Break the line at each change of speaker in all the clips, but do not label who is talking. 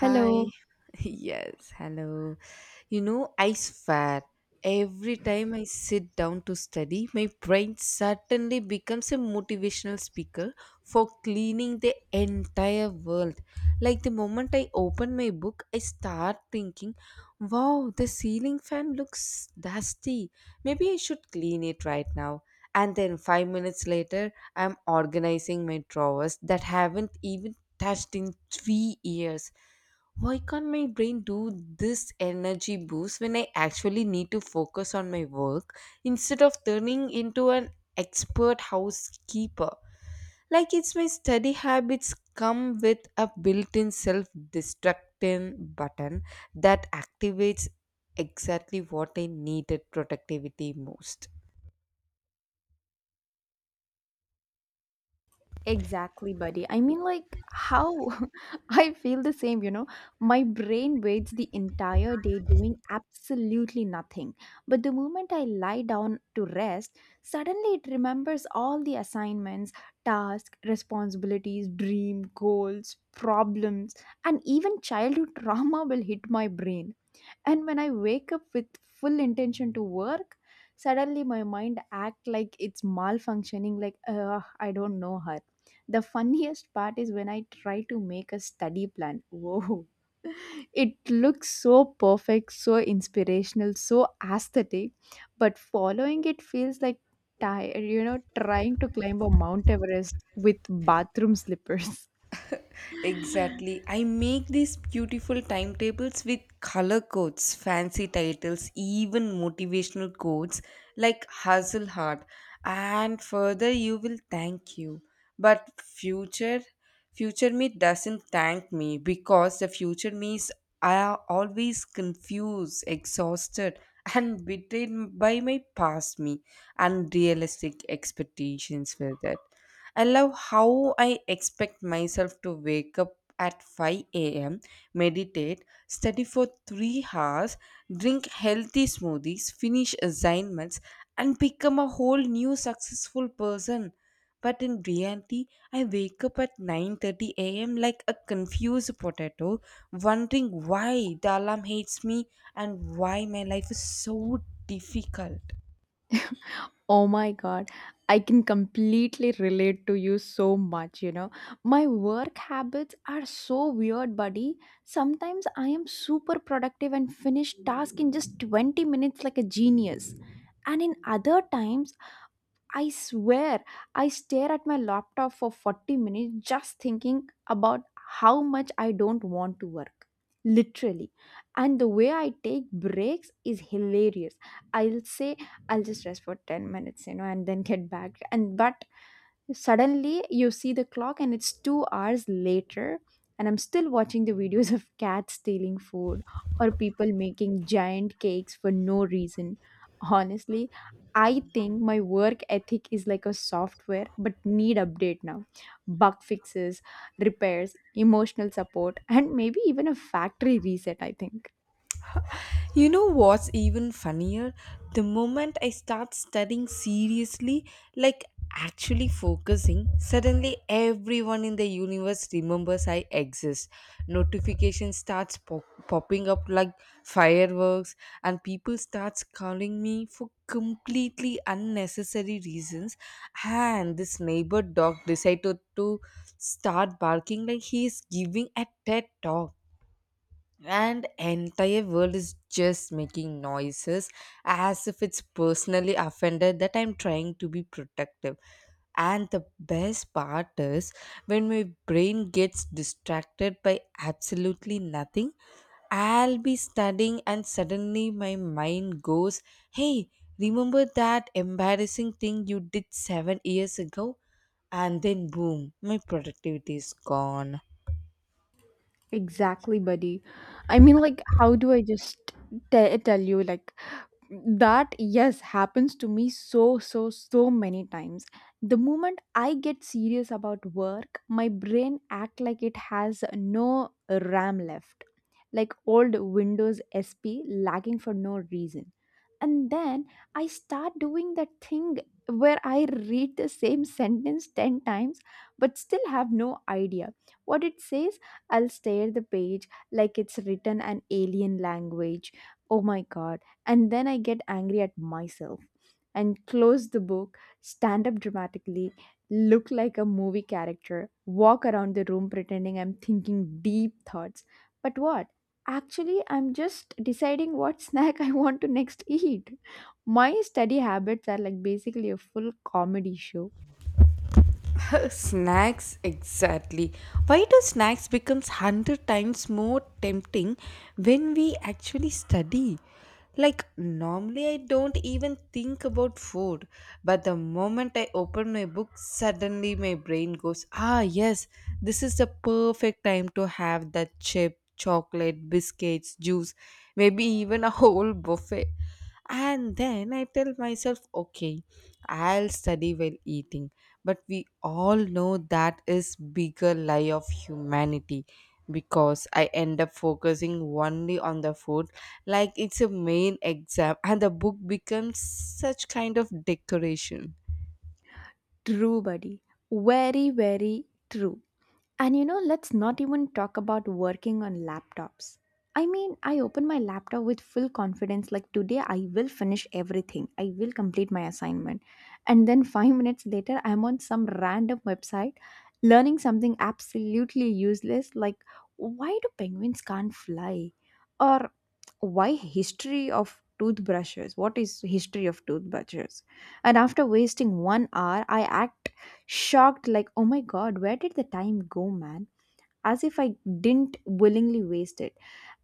Hi.
Hello.
Yes, hello. You know, I swear, every time I sit down to study, my brain suddenly becomes a motivational speaker for cleaning the entire world. Like the moment I open my book, I start thinking, wow, the ceiling fan looks dusty. Maybe I should clean it right now. And then 5 minutes later, I'm organizing my drawers that haven't even touched in 3 years. Why can't my brain do this energy boost when I actually need to focus on my work instead of turning into an expert housekeeper? Like it's my study habits come with a built-in self-destructing button that activates exactly what I needed productivity most.
Exactly, buddy. How I feel the same, My brain waits the entire day doing absolutely nothing. But the moment I lie down to rest, suddenly it remembers all the assignments, tasks, responsibilities, dream, goals, problems, and even childhood trauma will hit my brain. And when I wake up with full intention to work, suddenly my mind act like it's malfunctioning like I don't know her. The funniest part is when I try to make a study plan. Whoa. It looks so perfect, so inspirational, so aesthetic, but following it feels like tired, trying to climb a Mount Everest with bathroom slippers.
Exactly. I make these beautiful timetables with color codes, fancy titles, even motivational quotes like Hustle Hard and further you will thank you. But future me doesn't thank me because the future me is I always confused, exhausted and betrayed by my past me unrealistic expectations for that. I love how I expect myself to wake up at 5 a.m., meditate, study for 3 hours, drink healthy smoothies, finish assignments, and become a whole new successful person. But in reality, I wake up at 9:30 a.m. like a confused potato, wondering why the alarm hates me and why my life is so difficult.
Oh my God, I can completely relate to you so much, My work habits are so weird, buddy. Sometimes I am super productive and finish task in just 20 minutes like a genius. And in other times, I swear, I stare at my laptop for 40 minutes just thinking about how much I don't want to work. Literally. And the way I take breaks is hilarious. I'll say, I'll just rest for 10 minutes, and then get back. And but suddenly you see the clock and it's 2 hours later, and I'm still watching the videos of cats stealing food or people making giant cakes for no reason. Honestly, I think my work ethic is like a software but need update now. Bug fixes, repairs, emotional support, and maybe even a factory reset, I think.
You know what's even funnier? The moment I start studying seriously, like actually focusing, suddenly everyone in the universe remembers I exist. Notification starts popping up like fireworks, and people starts calling me for completely unnecessary reasons, and this neighbor dog decided to start barking like he is giving a TED talk, and entire world is just making noises as if it's personally offended that I'm trying to be protective. And the best part is when my brain gets distracted by absolutely nothing, I'll be studying and suddenly my mind goes, hey, remember that embarrassing thing you did 7 years ago? And then boom, my productivity is gone.
Exactly, buddy. How do I just tell you, like, that yes happens to me so so so many times. The moment I get serious about work, my brain act like it has no RAM left, like old windows sp lagging for no reason. And then I start doing that thing where I read the same sentence 10 times but still have no idea what it says. I'll stare the page like it's written an alien language. Oh my god. And then I get angry at myself and close the book, stand up dramatically, look like a movie character, walk around the room pretending I'm thinking deep thoughts. But what? Actually, I'm just deciding what snack I want to next eat. My study habits are like basically a full comedy show.
Snacks, exactly. Why do snacks becomes 100 times more tempting when we actually study? Like normally I don't even think about food, but the moment I open my book suddenly my brain goes, ah yes, this is the perfect time to have that chip chocolate biscuits juice, maybe even a whole buffet. And then I tell myself, okay, I'll study while eating. But we all know that is bigger lie of humanity because I end up focusing only on the food like it's a main exam and the book becomes such kind of decoration.
True, buddy. Very, very true. And you know, let's not even talk about working on laptops. I mean, I open my laptop with full confidence, like today I will finish everything. I will complete my assignment. And then five minutes later, I'm on some random website learning something absolutely useless, like why do penguins can't fly? Or why history of toothbrushes? What is history of toothbrushes? And after wasting 1 hour, I act shocked like oh my god, where did the time go, man, as if I didn't willingly waste it.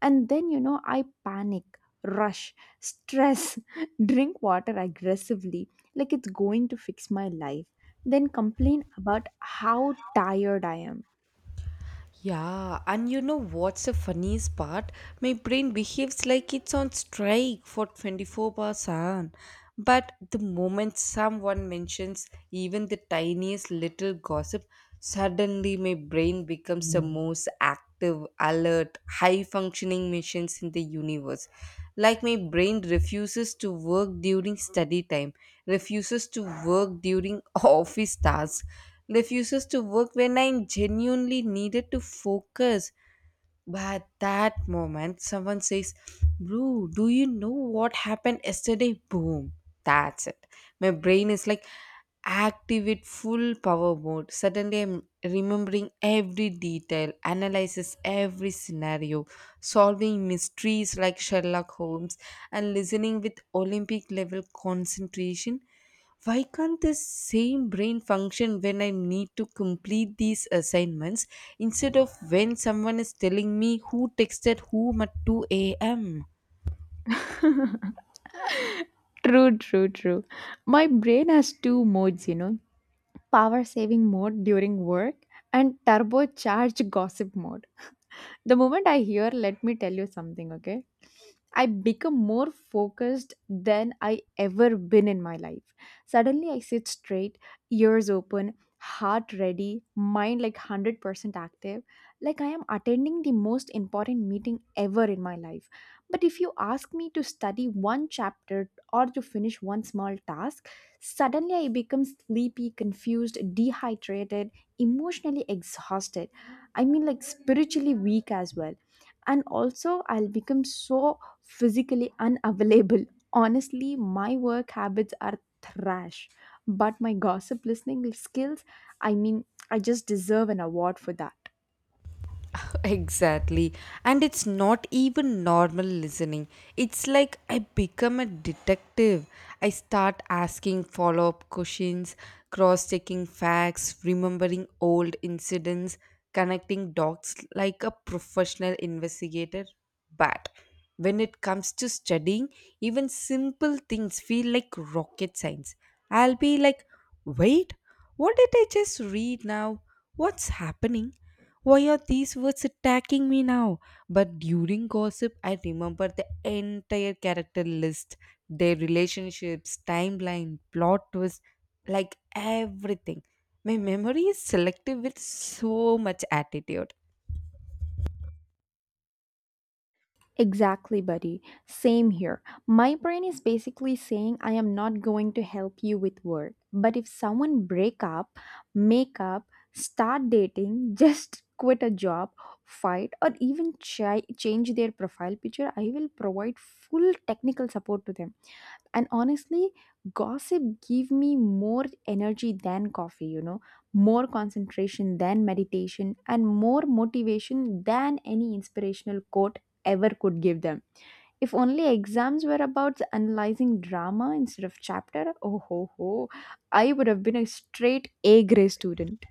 And then I panic, rush, stress, drink water aggressively like it's going to fix my life, then complain about how tired I am.
Yeah, and you know what's the funniest part? My brain behaves like it's on strike for 24 hours, seven. But the moment someone mentions even the tiniest little gossip, suddenly my brain becomes the most active, alert, high functioning machines in the universe. Like my brain refuses to work during study time, refuses to work during office tasks, refuses to work when I genuinely needed to focus. But that moment, someone says, bro, do you know what happened yesterday? Boom. That's it. My brain is like active full power mode. Suddenly, I'm remembering every detail, analyzes every scenario, solving mysteries like Sherlock Holmes, and listening with Olympic level concentration. Why can't the same brain function when I need to complete these assignments instead of when someone is telling me who texted whom at 2 a.m.?
True, true, true. My brain has two modes, Power saving mode during work, and turbocharged gossip mode. The moment I hear, let me tell you something, okay? I become more focused than I ever been in my life. Suddenly I sit straight, ears open, heart ready, mind like 100% active, like I am attending the most important meeting ever in my life. But if you ask me to study one chapter or to finish one small task, suddenly I become sleepy, confused, dehydrated, emotionally exhausted. I mean, like spiritually weak as well. And also, I'll become so physically unavailable. Honestly, my work habits are trash, but my gossip listening skills, I mean, I just deserve an award for that.
Exactly. And it's not even normal listening. It's like I become a detective. I start asking follow up questions, cross checking facts, remembering old incidents, connecting dots like a professional investigator. But when it comes to studying, even simple things feel like rocket science. I'll be like, wait, what did I just read now? What's happening? Why are these words attacking me now? But during gossip, I remember the entire character list, their relationships, timeline, plot twist, like everything. My memory is selective with so much attitude.
Exactly, buddy. Same here. My brain is basically saying I am not going to help you with work. But if someone break up, make up, start dating, just quit a job, fight or even change their profile picture, I will provide full technical support to them. And honestly, gossip give me more energy than coffee, more concentration than meditation, and more motivation than any inspirational quote ever could give them. If only exams were about analyzing drama instead of chapter, oh ho ho, I would have been a straight A grade student.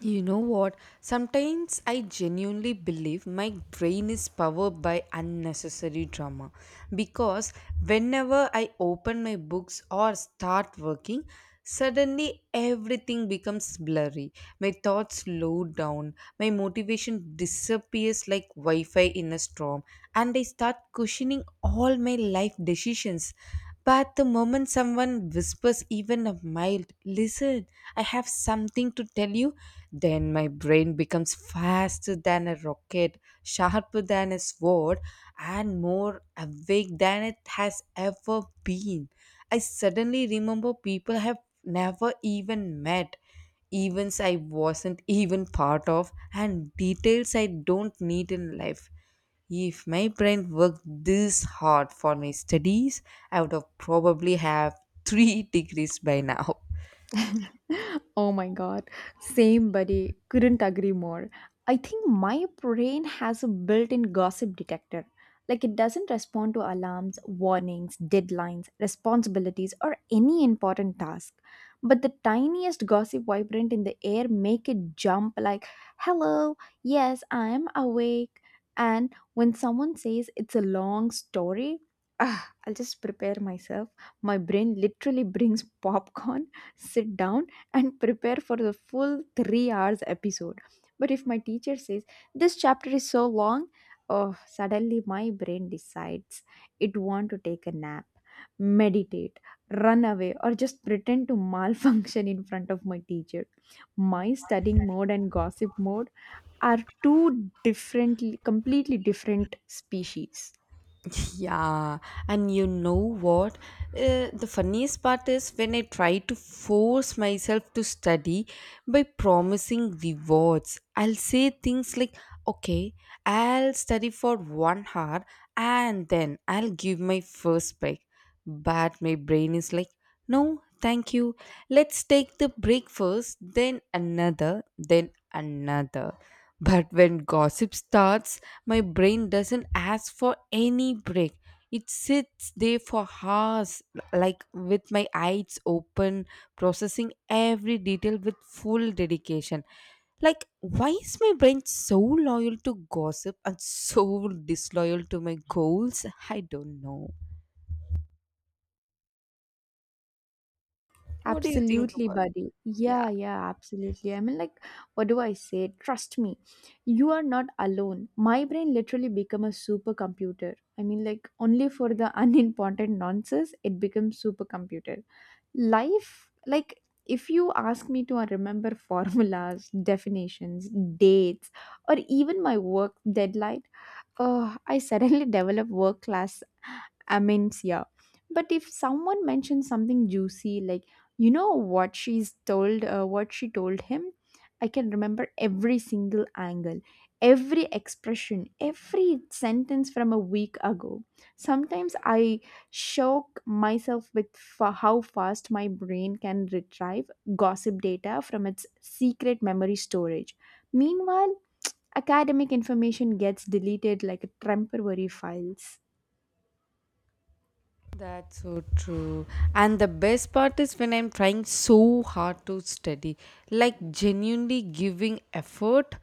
You know what? Sometimes I genuinely believe my brain is powered by unnecessary drama because whenever I open my books or start working, suddenly everything becomes blurry. My thoughts slow down, my motivation disappears like Wi Fi in a storm, and I start questioning all my life decisions. But the moment someone whispers even a mild, listen, I have something to tell you, then my brain becomes faster than a rocket, sharper than a sword, and more awake than it has ever been. I suddenly remember people I have never even met, events I wasn't even part of, and details I don't need in life. If my brain worked this hard for my studies, I would have probably have 3 degrees by now.
Oh my god. Same buddy. Couldn't agree more. I think my brain has a built in gossip detector. Like it doesn't respond to alarms, warnings, deadlines, responsibilities, or any important task. But the tiniest gossip vibrant in the air make it jump like, hello, yes, I'm awake. And when someone says it's a long story, ah, I'll just prepare myself. My brain literally brings popcorn, sit down, and prepare for the full 3 hours episode. But if my teacher says this chapter is so long, oh, suddenly my brain decides it want to take a nap, meditate, run away, or just pretend to malfunction in front of my teacher. My studying mode and gossip mode are two differently completely different species.
Yeah, and you know what? The funniest part is when I try to force myself to study by promising rewards. I'll say things like, okay, I'll study for 1 hour and then I'll give my first break. But my brain is like, no, thank you. Let's take the break first, then another, then another. But when gossip starts, my brain doesn't ask for any break. It sits there for hours, like with my eyes open, processing every detail with full dedication. Like, why is my brain so loyal to gossip and so disloyal to my goals? I don't know. What do you think
Absolutely,
about?
buddy. Yeah, yeah, absolutely. What do I say? Trust me, you are not alone. My brain literally become a supercomputer. Only for the unimportant nonsense, it becomes supercomputer. Life, like, if you ask me to remember formulas, definitions, dates, or even my work deadline, I suddenly develop work class amends, yeah. But if someone mentions something juicy like you know what she's told, what she told him, I can remember every single angle, every expression, every sentence from a week ago. Sometimes I shock myself with how fast my brain can retrieve gossip data from its secret memory storage. Meanwhile, academic information gets deleted like temporary files.
That's so true. And the best part is when I'm trying so hard to study, like genuinely giving effort,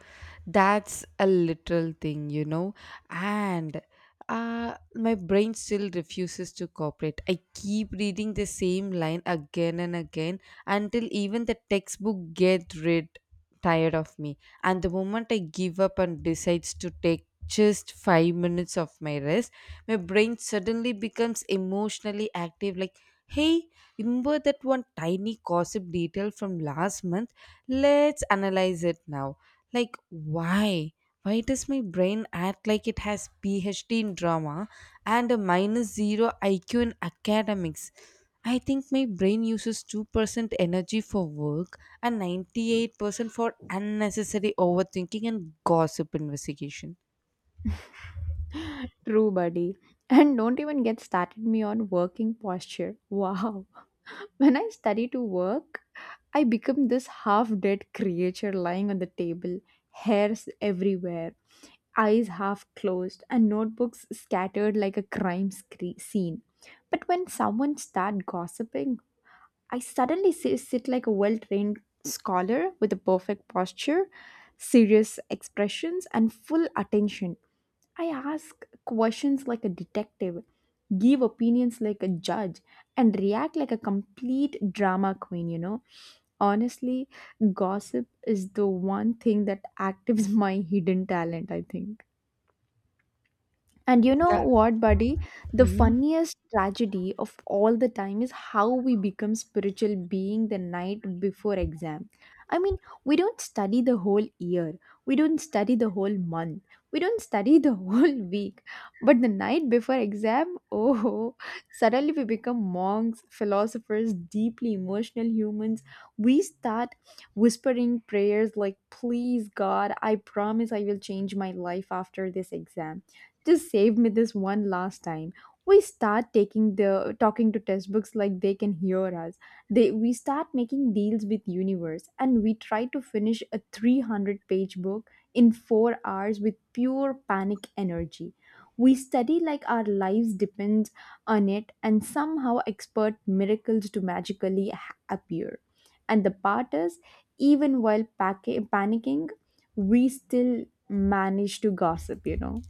that's a literal thing. And my brain still refuses to cooperate. I keep reading the same line again and again until even the textbook get rid tired of me. And the moment I give up and decides to take just 5 minutes of my rest, my brain suddenly becomes emotionally active like, hey, remember that one tiny gossip detail from last month, let's analyze it now. Like, why does my brain act like it has phd in drama and a minus 0 iq in academics? I think my brain uses 2% energy for work and 98% for unnecessary overthinking and gossip investigation.
True, buddy. And don't even get started me on working posture. Wow. When I study to work, I become this half dead creature lying on the table, hairs everywhere, eyes half closed, and notebooks scattered like a crime scene. But when someone starts gossiping, I suddenly sit like a well trained scholar with a perfect posture, serious expressions, and full attention. I ask questions like a detective, give opinions like a judge, and react like a complete drama queen, Honestly, gossip is the one thing that activates my hidden talent, I think. And you know
That.
what, buddy? The
Mhm.
funniest tragedy of all the time is how we become spiritual being the night before exam. I mean, we don't study the whole year, we don't study the whole month, we don't study the whole week. But the night before exam, oh, suddenly we become monks, philosophers, deeply emotional humans. We start whispering prayers like, please, God, I promise I will change my life after this exam, just save me this one last time. We start taking the talking to textbooks like they can hear us. They We start making deals with universe and we try to finish a 300-page book in 4 hours with pure panic energy. We study like our lives depends on it and somehow expert miracles to magically appear. And the part is, even while panicking, we still manage to gossip,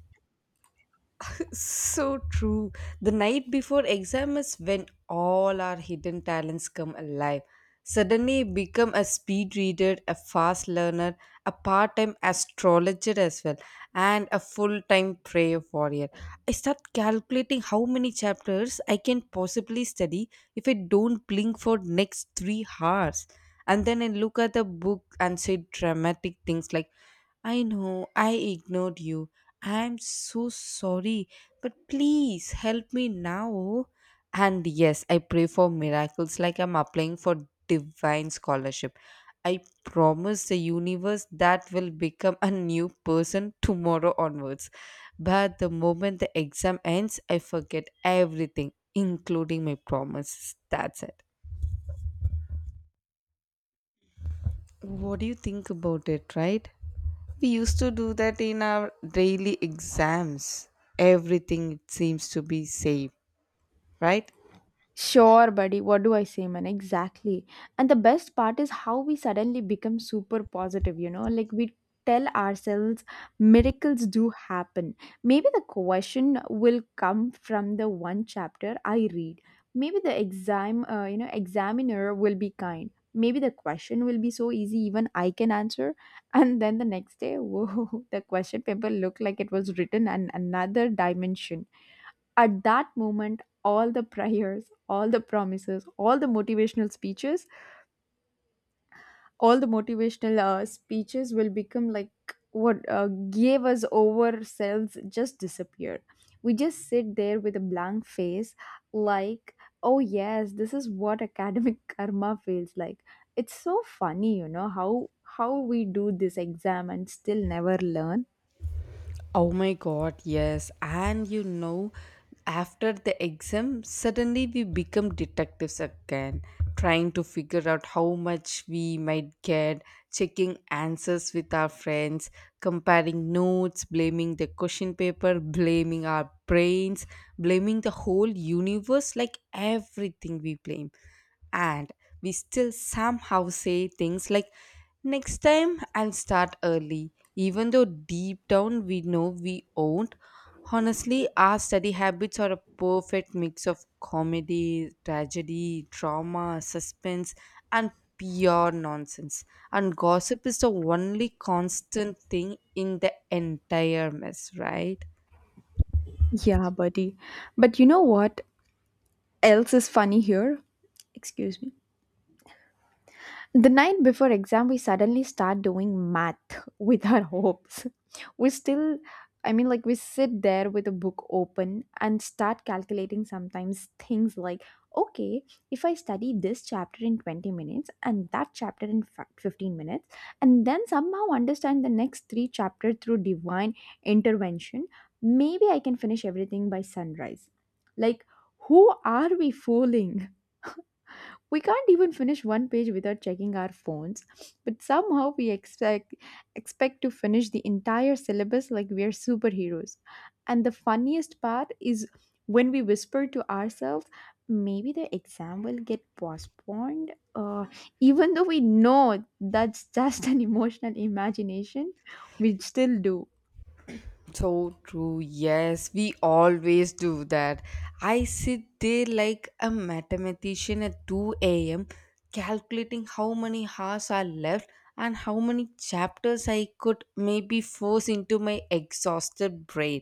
So true. The night before exam is when all our hidden talents come alive. Suddenly become a speed reader, a fast learner, a part-time astrologer as well, and a full-time prayer warrior. I start calculating how many chapters I can possibly study if I don't blink for next 3 hours. And then I look at the book and say dramatic things like, I know I ignored you. I'm so sorry, but please help me now. And yes, I pray for miracles like I'm applying for divine scholarship. I promise the universe that will become a new person tomorrow onwards. But the moment the exam ends, I forget everything, including my promises. That's it. What do you think about it, right? We used to do that in our daily exams. Everything seems to be safe, right?
Sure, buddy. What do I say, man? Exactly. And the best part is how we suddenly become super positive, you know? Like we tell ourselves miracles do happen. Maybe the question will come from the one chapter I read. Maybe the exam, examiner will be kind. Maybe the question will be so easy even I can answer. And then the next day, whoa, the question paper looked like it was written in another dimension. At that moment, all the prayers, all the promises, all the motivational speeches, all the motivational speeches will become like what gave us over selves just disappeared. We just sit there with a blank face, like, oh, yes, this is what academic karma feels like. It's so funny, how we do this exam and still never learn.
Oh my god, yes. And after the exam, suddenly we become detectives again, trying to figure out how much we might get, checking answers with our friends, comparing notes, blaming the question paper, blaming our brains, blaming the whole universe, like everything we blame. And we still somehow say things like, next time I'll start early, even though deep down we know we won't. Honestly, our study habits are a perfect mix of comedy, tragedy, drama, suspense and pure nonsense, and gossip is the only constant thing in the entire mess, right?
Yeah, buddy. But you know what else is funny here? Excuse me. The night before exam, we suddenly start doing math with our hopes. We still, we sit there with a book open and start calculating sometimes things like, okay, if I study this chapter in 20 minutes and that chapter in 15 minutes, and then somehow understand the next three chapters through divine intervention, maybe I can finish everything by sunrise. Like, who are we fooling? We can't even finish one page without checking our phones, but somehow we expect to finish the entire syllabus like we are superheroes. And the funniest part is when we whisper to ourselves, maybe the exam will get postponed, even though we know that's just an emotional imagination, we still do.
So true. Yes, we always do that. I sit there like a mathematician at 2 a.m. calculating how many hours are left and how many chapters I could maybe force into my exhausted brain.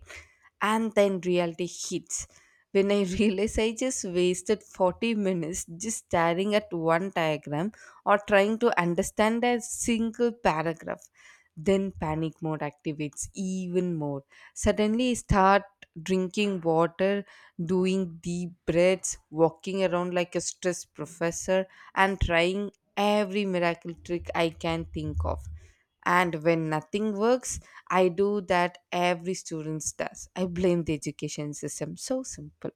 And then reality hits. When I realize I just wasted 40 minutes just staring at one diagram or trying to understand a single paragraph. Then panic mode activates even more. Suddenly start drinking water, doing deep breaths, walking around like a stressed professor, and trying every miracle trick I can think of. And when nothing works, I do that every student does. I blame the education system. So simple.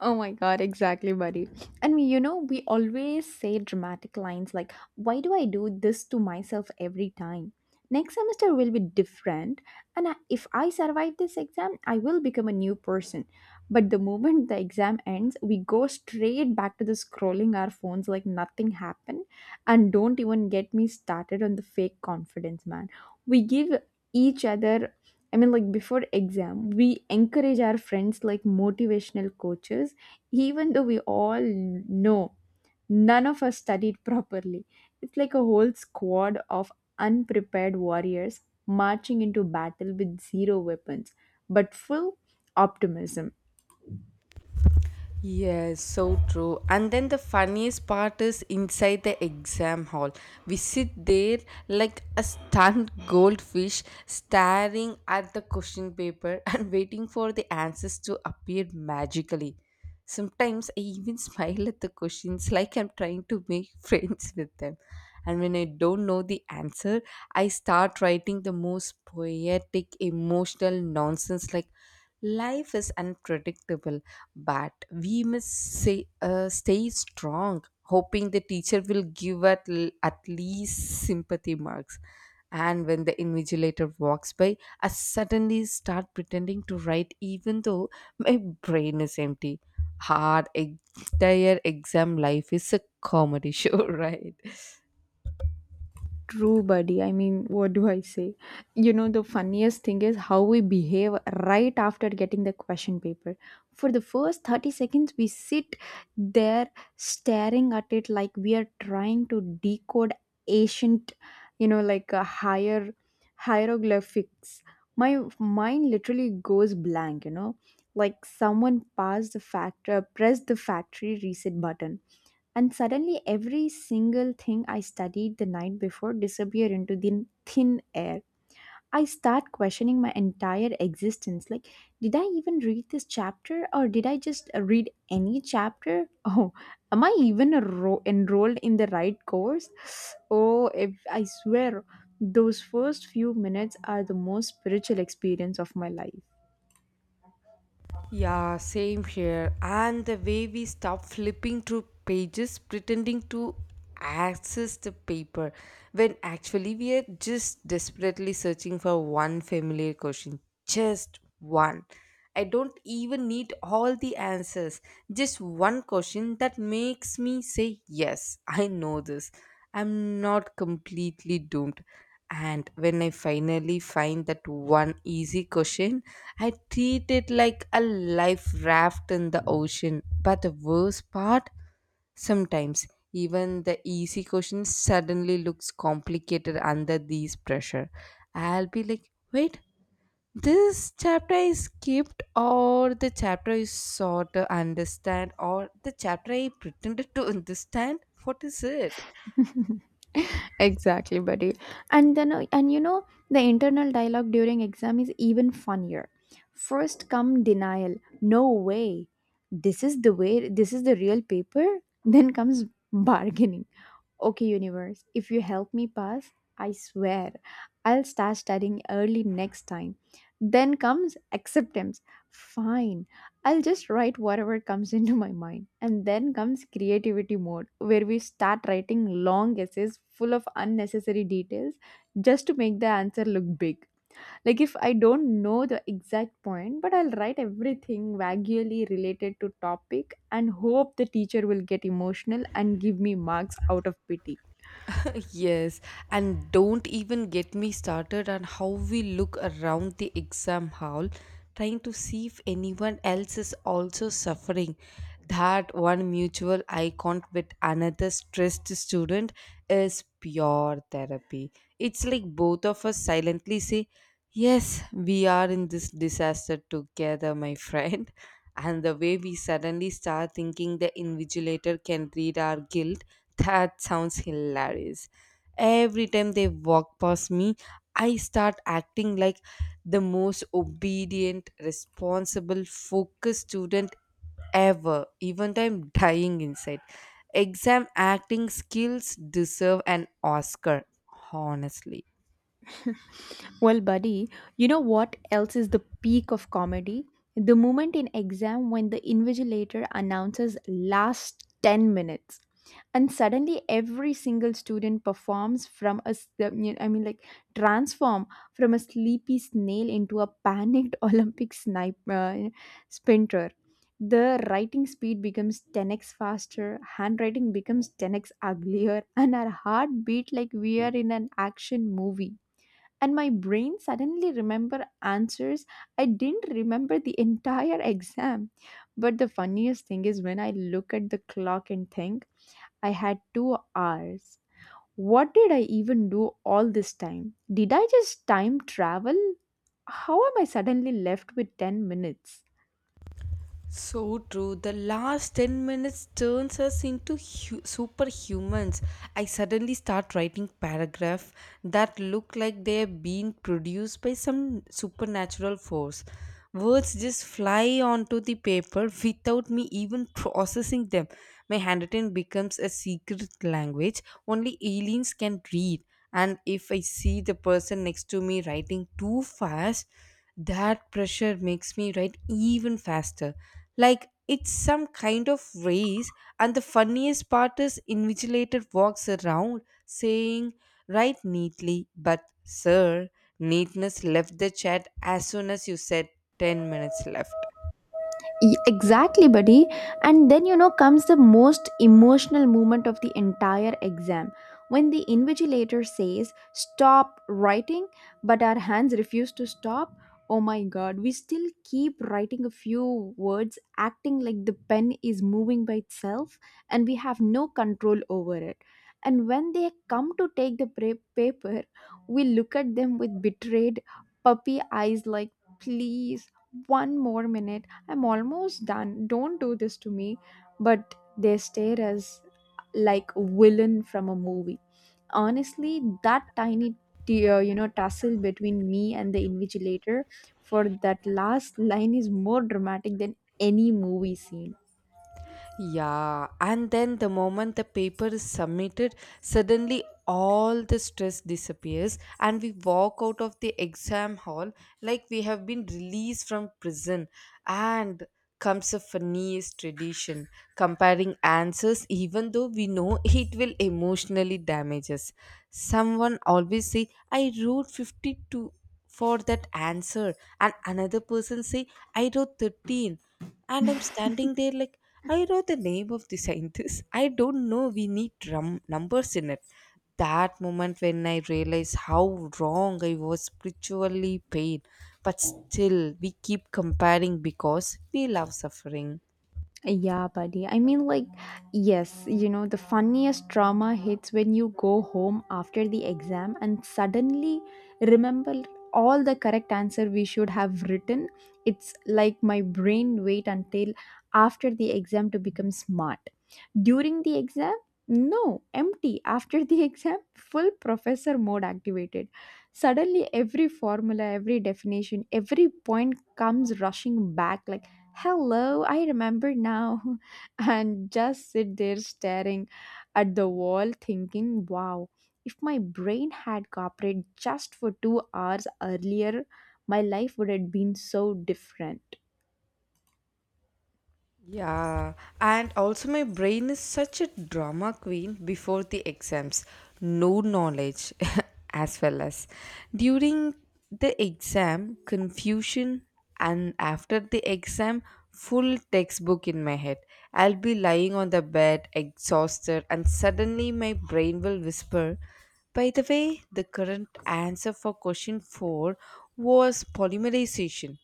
Oh my god, exactly, buddy. And we always say dramatic lines like, "Why do I do this to myself every time? Next semester will be different, and if I survive this exam, I will become a new person." But the moment the exam ends, we go straight back to the scrolling our phones like nothing happened. And don't even get me started on the fake confidence, man. We give each other. Before exam, we encourage our friends like motivational coaches, even though we all know none of us studied properly. It's like a whole squad of unprepared warriors marching into battle with zero weapons, but full optimism.
Yes, so true. And then the funniest part is inside the exam hall. We sit there like a stunned goldfish staring at the question paper and waiting for the answers to appear magically. Sometimes I even smile at the questions like I'm trying to make friends with them. And when I don't know the answer, I start writing the most poetic, emotional nonsense like, life is unpredictable, but we must say, stay strong, hoping the teacher will give at least sympathy marks. And when the invigilator walks by, I suddenly start pretending to write, even though my brain is empty. Hard, entire exam life is a comedy show, right?
True, buddy. What do I say? You know, the funniest thing is how we behave right after getting the question paper. For the first 30 seconds, we sit there staring at it like we are trying to decode ancient, you know, like a higher hieroglyphics. My mind literally goes blank, like someone pressed the factory reset button, and suddenly every single thing I studied the night before disappeared into the thin air. I start questioning my entire existence like, did I even read this chapter, or did I just read any chapter? Oh, am I even enrolled in the right course? oh if, I swear those first few minutes are the most spiritual experience of my life.
Yeah, same here. And the way we stop flipping through pages pretending to access the paper when actually we are just desperately searching for one familiar question. Just one. I don't even need all the answers. Just one question that makes me say, yes, I know this. I'm not completely doomed. And when I finally find that one easy question, I treat it like a life raft in the ocean. But the worst part, sometimes even the easy question suddenly looks complicated under these pressure. I'll be like, wait, this chapter I skipped, or the chapter I sought to understand, or the chapter I pretended to understand? What is it?
Exactly, buddy. And you know the internal dialogue during exam is even funnier. First come denial. No way, this is the real paper. Then comes bargaining. Okay, universe, if you help me pass, I swear I'll start studying early next time. Then comes acceptance. Fine, I'll just write whatever comes into my mind. And then comes creativity mode, where we start writing long essays full of unnecessary details just to make the answer look big. Like, if I don't know the exact point, but I'll write everything vaguely related to topic and hope the teacher will get emotional and give me marks out of pity.
Yes, and don't even get me started on how we look around the exam hall trying to see if anyone else is also suffering. That one mutual eye contact with another stressed student is pure therapy. It's like both of us silently say, yes, we are in this disaster together, my friend. And the way we suddenly start thinking the invigilator can read our guilt, that sounds hilarious. Every time they walk past me, I start acting like the most obedient, responsible, focused student ever, even though I'm dying inside. Exam acting skills deserve an Oscar, honestly.
Well, buddy, you know what else is the peak of comedy? The moment in exam when the invigilator announces last 10 minutes, and suddenly every single student performs from a s- the- you I mean like transform from a sleepy snail into a panicked olympic snipe sprinter. The writing speed becomes 10x faster, handwriting becomes 10x uglier, and our heart beat like we are in an action movie, and my brain suddenly remember answers I didn't remember the entire exam. But the funniest thing is when I look at the clock and think, I had 2 hours. What did I even do all this time? Did I just time travel? How am I suddenly left with 10 minutes?
So true. The last 10 minutes turns us into superhumans. I suddenly start writing paragraphs that look like they're being produced by some supernatural force. Words just fly onto the paper without me even processing them. My handwriting becomes a secret language only aliens can read. And if I see the person next to me writing too fast, that pressure makes me write even faster. Like it's some kind of race, and the funniest part is invigilator walks around saying, write neatly, but sir, neatness left the chat as soon as you said 10 minutes left.
Exactly, buddy. And then, you know, comes the most emotional moment of the entire exam when the invigilator says, "Stop writing," but our hands refuse to stop. Oh my god, we still keep writing a few words, acting like the pen is moving by itself and we have no control over it. And when they come to take the paper, we look at them with betrayed puppy eyes, like, "Please, one more minute, I'm almost done. Don't do this to me." But they stare as like villain from a movie. Honestly, that tiny tussle between me and the invigilator for that last line is more dramatic than any movie scene.
Yeah, and then the moment the paper is submitted, suddenly all the stress disappears, and we walk out of the exam hall like we have been released from prison. And comes a funniest tradition, comparing answers, even though we know it will emotionally damage us. Someone always say, "I wrote 52." for that answer, and another person say, I wrote 13, and I'm standing there like, I wrote the name of the scientist. I don't know we need drum numbers in it. That moment when I realized how wrong I was spiritually paid, but still we keep comparing because we love suffering.
Yeah, buddy. Yes, you know, the funniest trauma hits when you go home after the exam and suddenly remember all the correct answer we should have written. It's like my brain wait until after the exam to become smart. During the exam, no, empty. After the exam, full professor mode activated. Suddenly, every formula, every definition, every point comes rushing back like, "Hello, I remember now." And just sit there staring at the wall thinking, wow, if my brain had cooperated just for 2 hours earlier, my life would have been so different.
Yeah, and also my brain is such a drama queen before the exams. No knowledge as well as during the exam, confusion, and after the exam, full textbook in my head. I'll be lying on the bed, exhausted, and suddenly my brain will whisper, by the way, the current answer for question 4 was polymerization.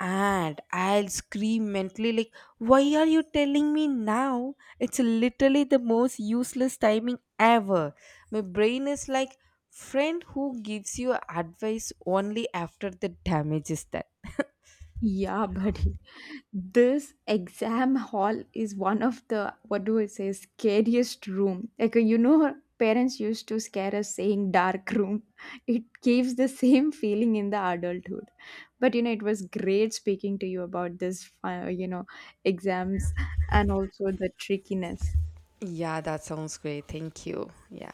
And I'll scream mentally, like, why are you telling me now? It's literally the most useless timing ever. My brain is like, friend who gives you advice only after the damage is done.
Yeah, buddy. This exam hall is one of the, what do I say, scariest room. Like, you know, our parents used to scare us saying dark room. It gives the same feeling in the adulthood. But you know, it was great speaking to you about this. You know, exams and also the trickiness.
Yeah, that sounds great. Thank you. Yeah.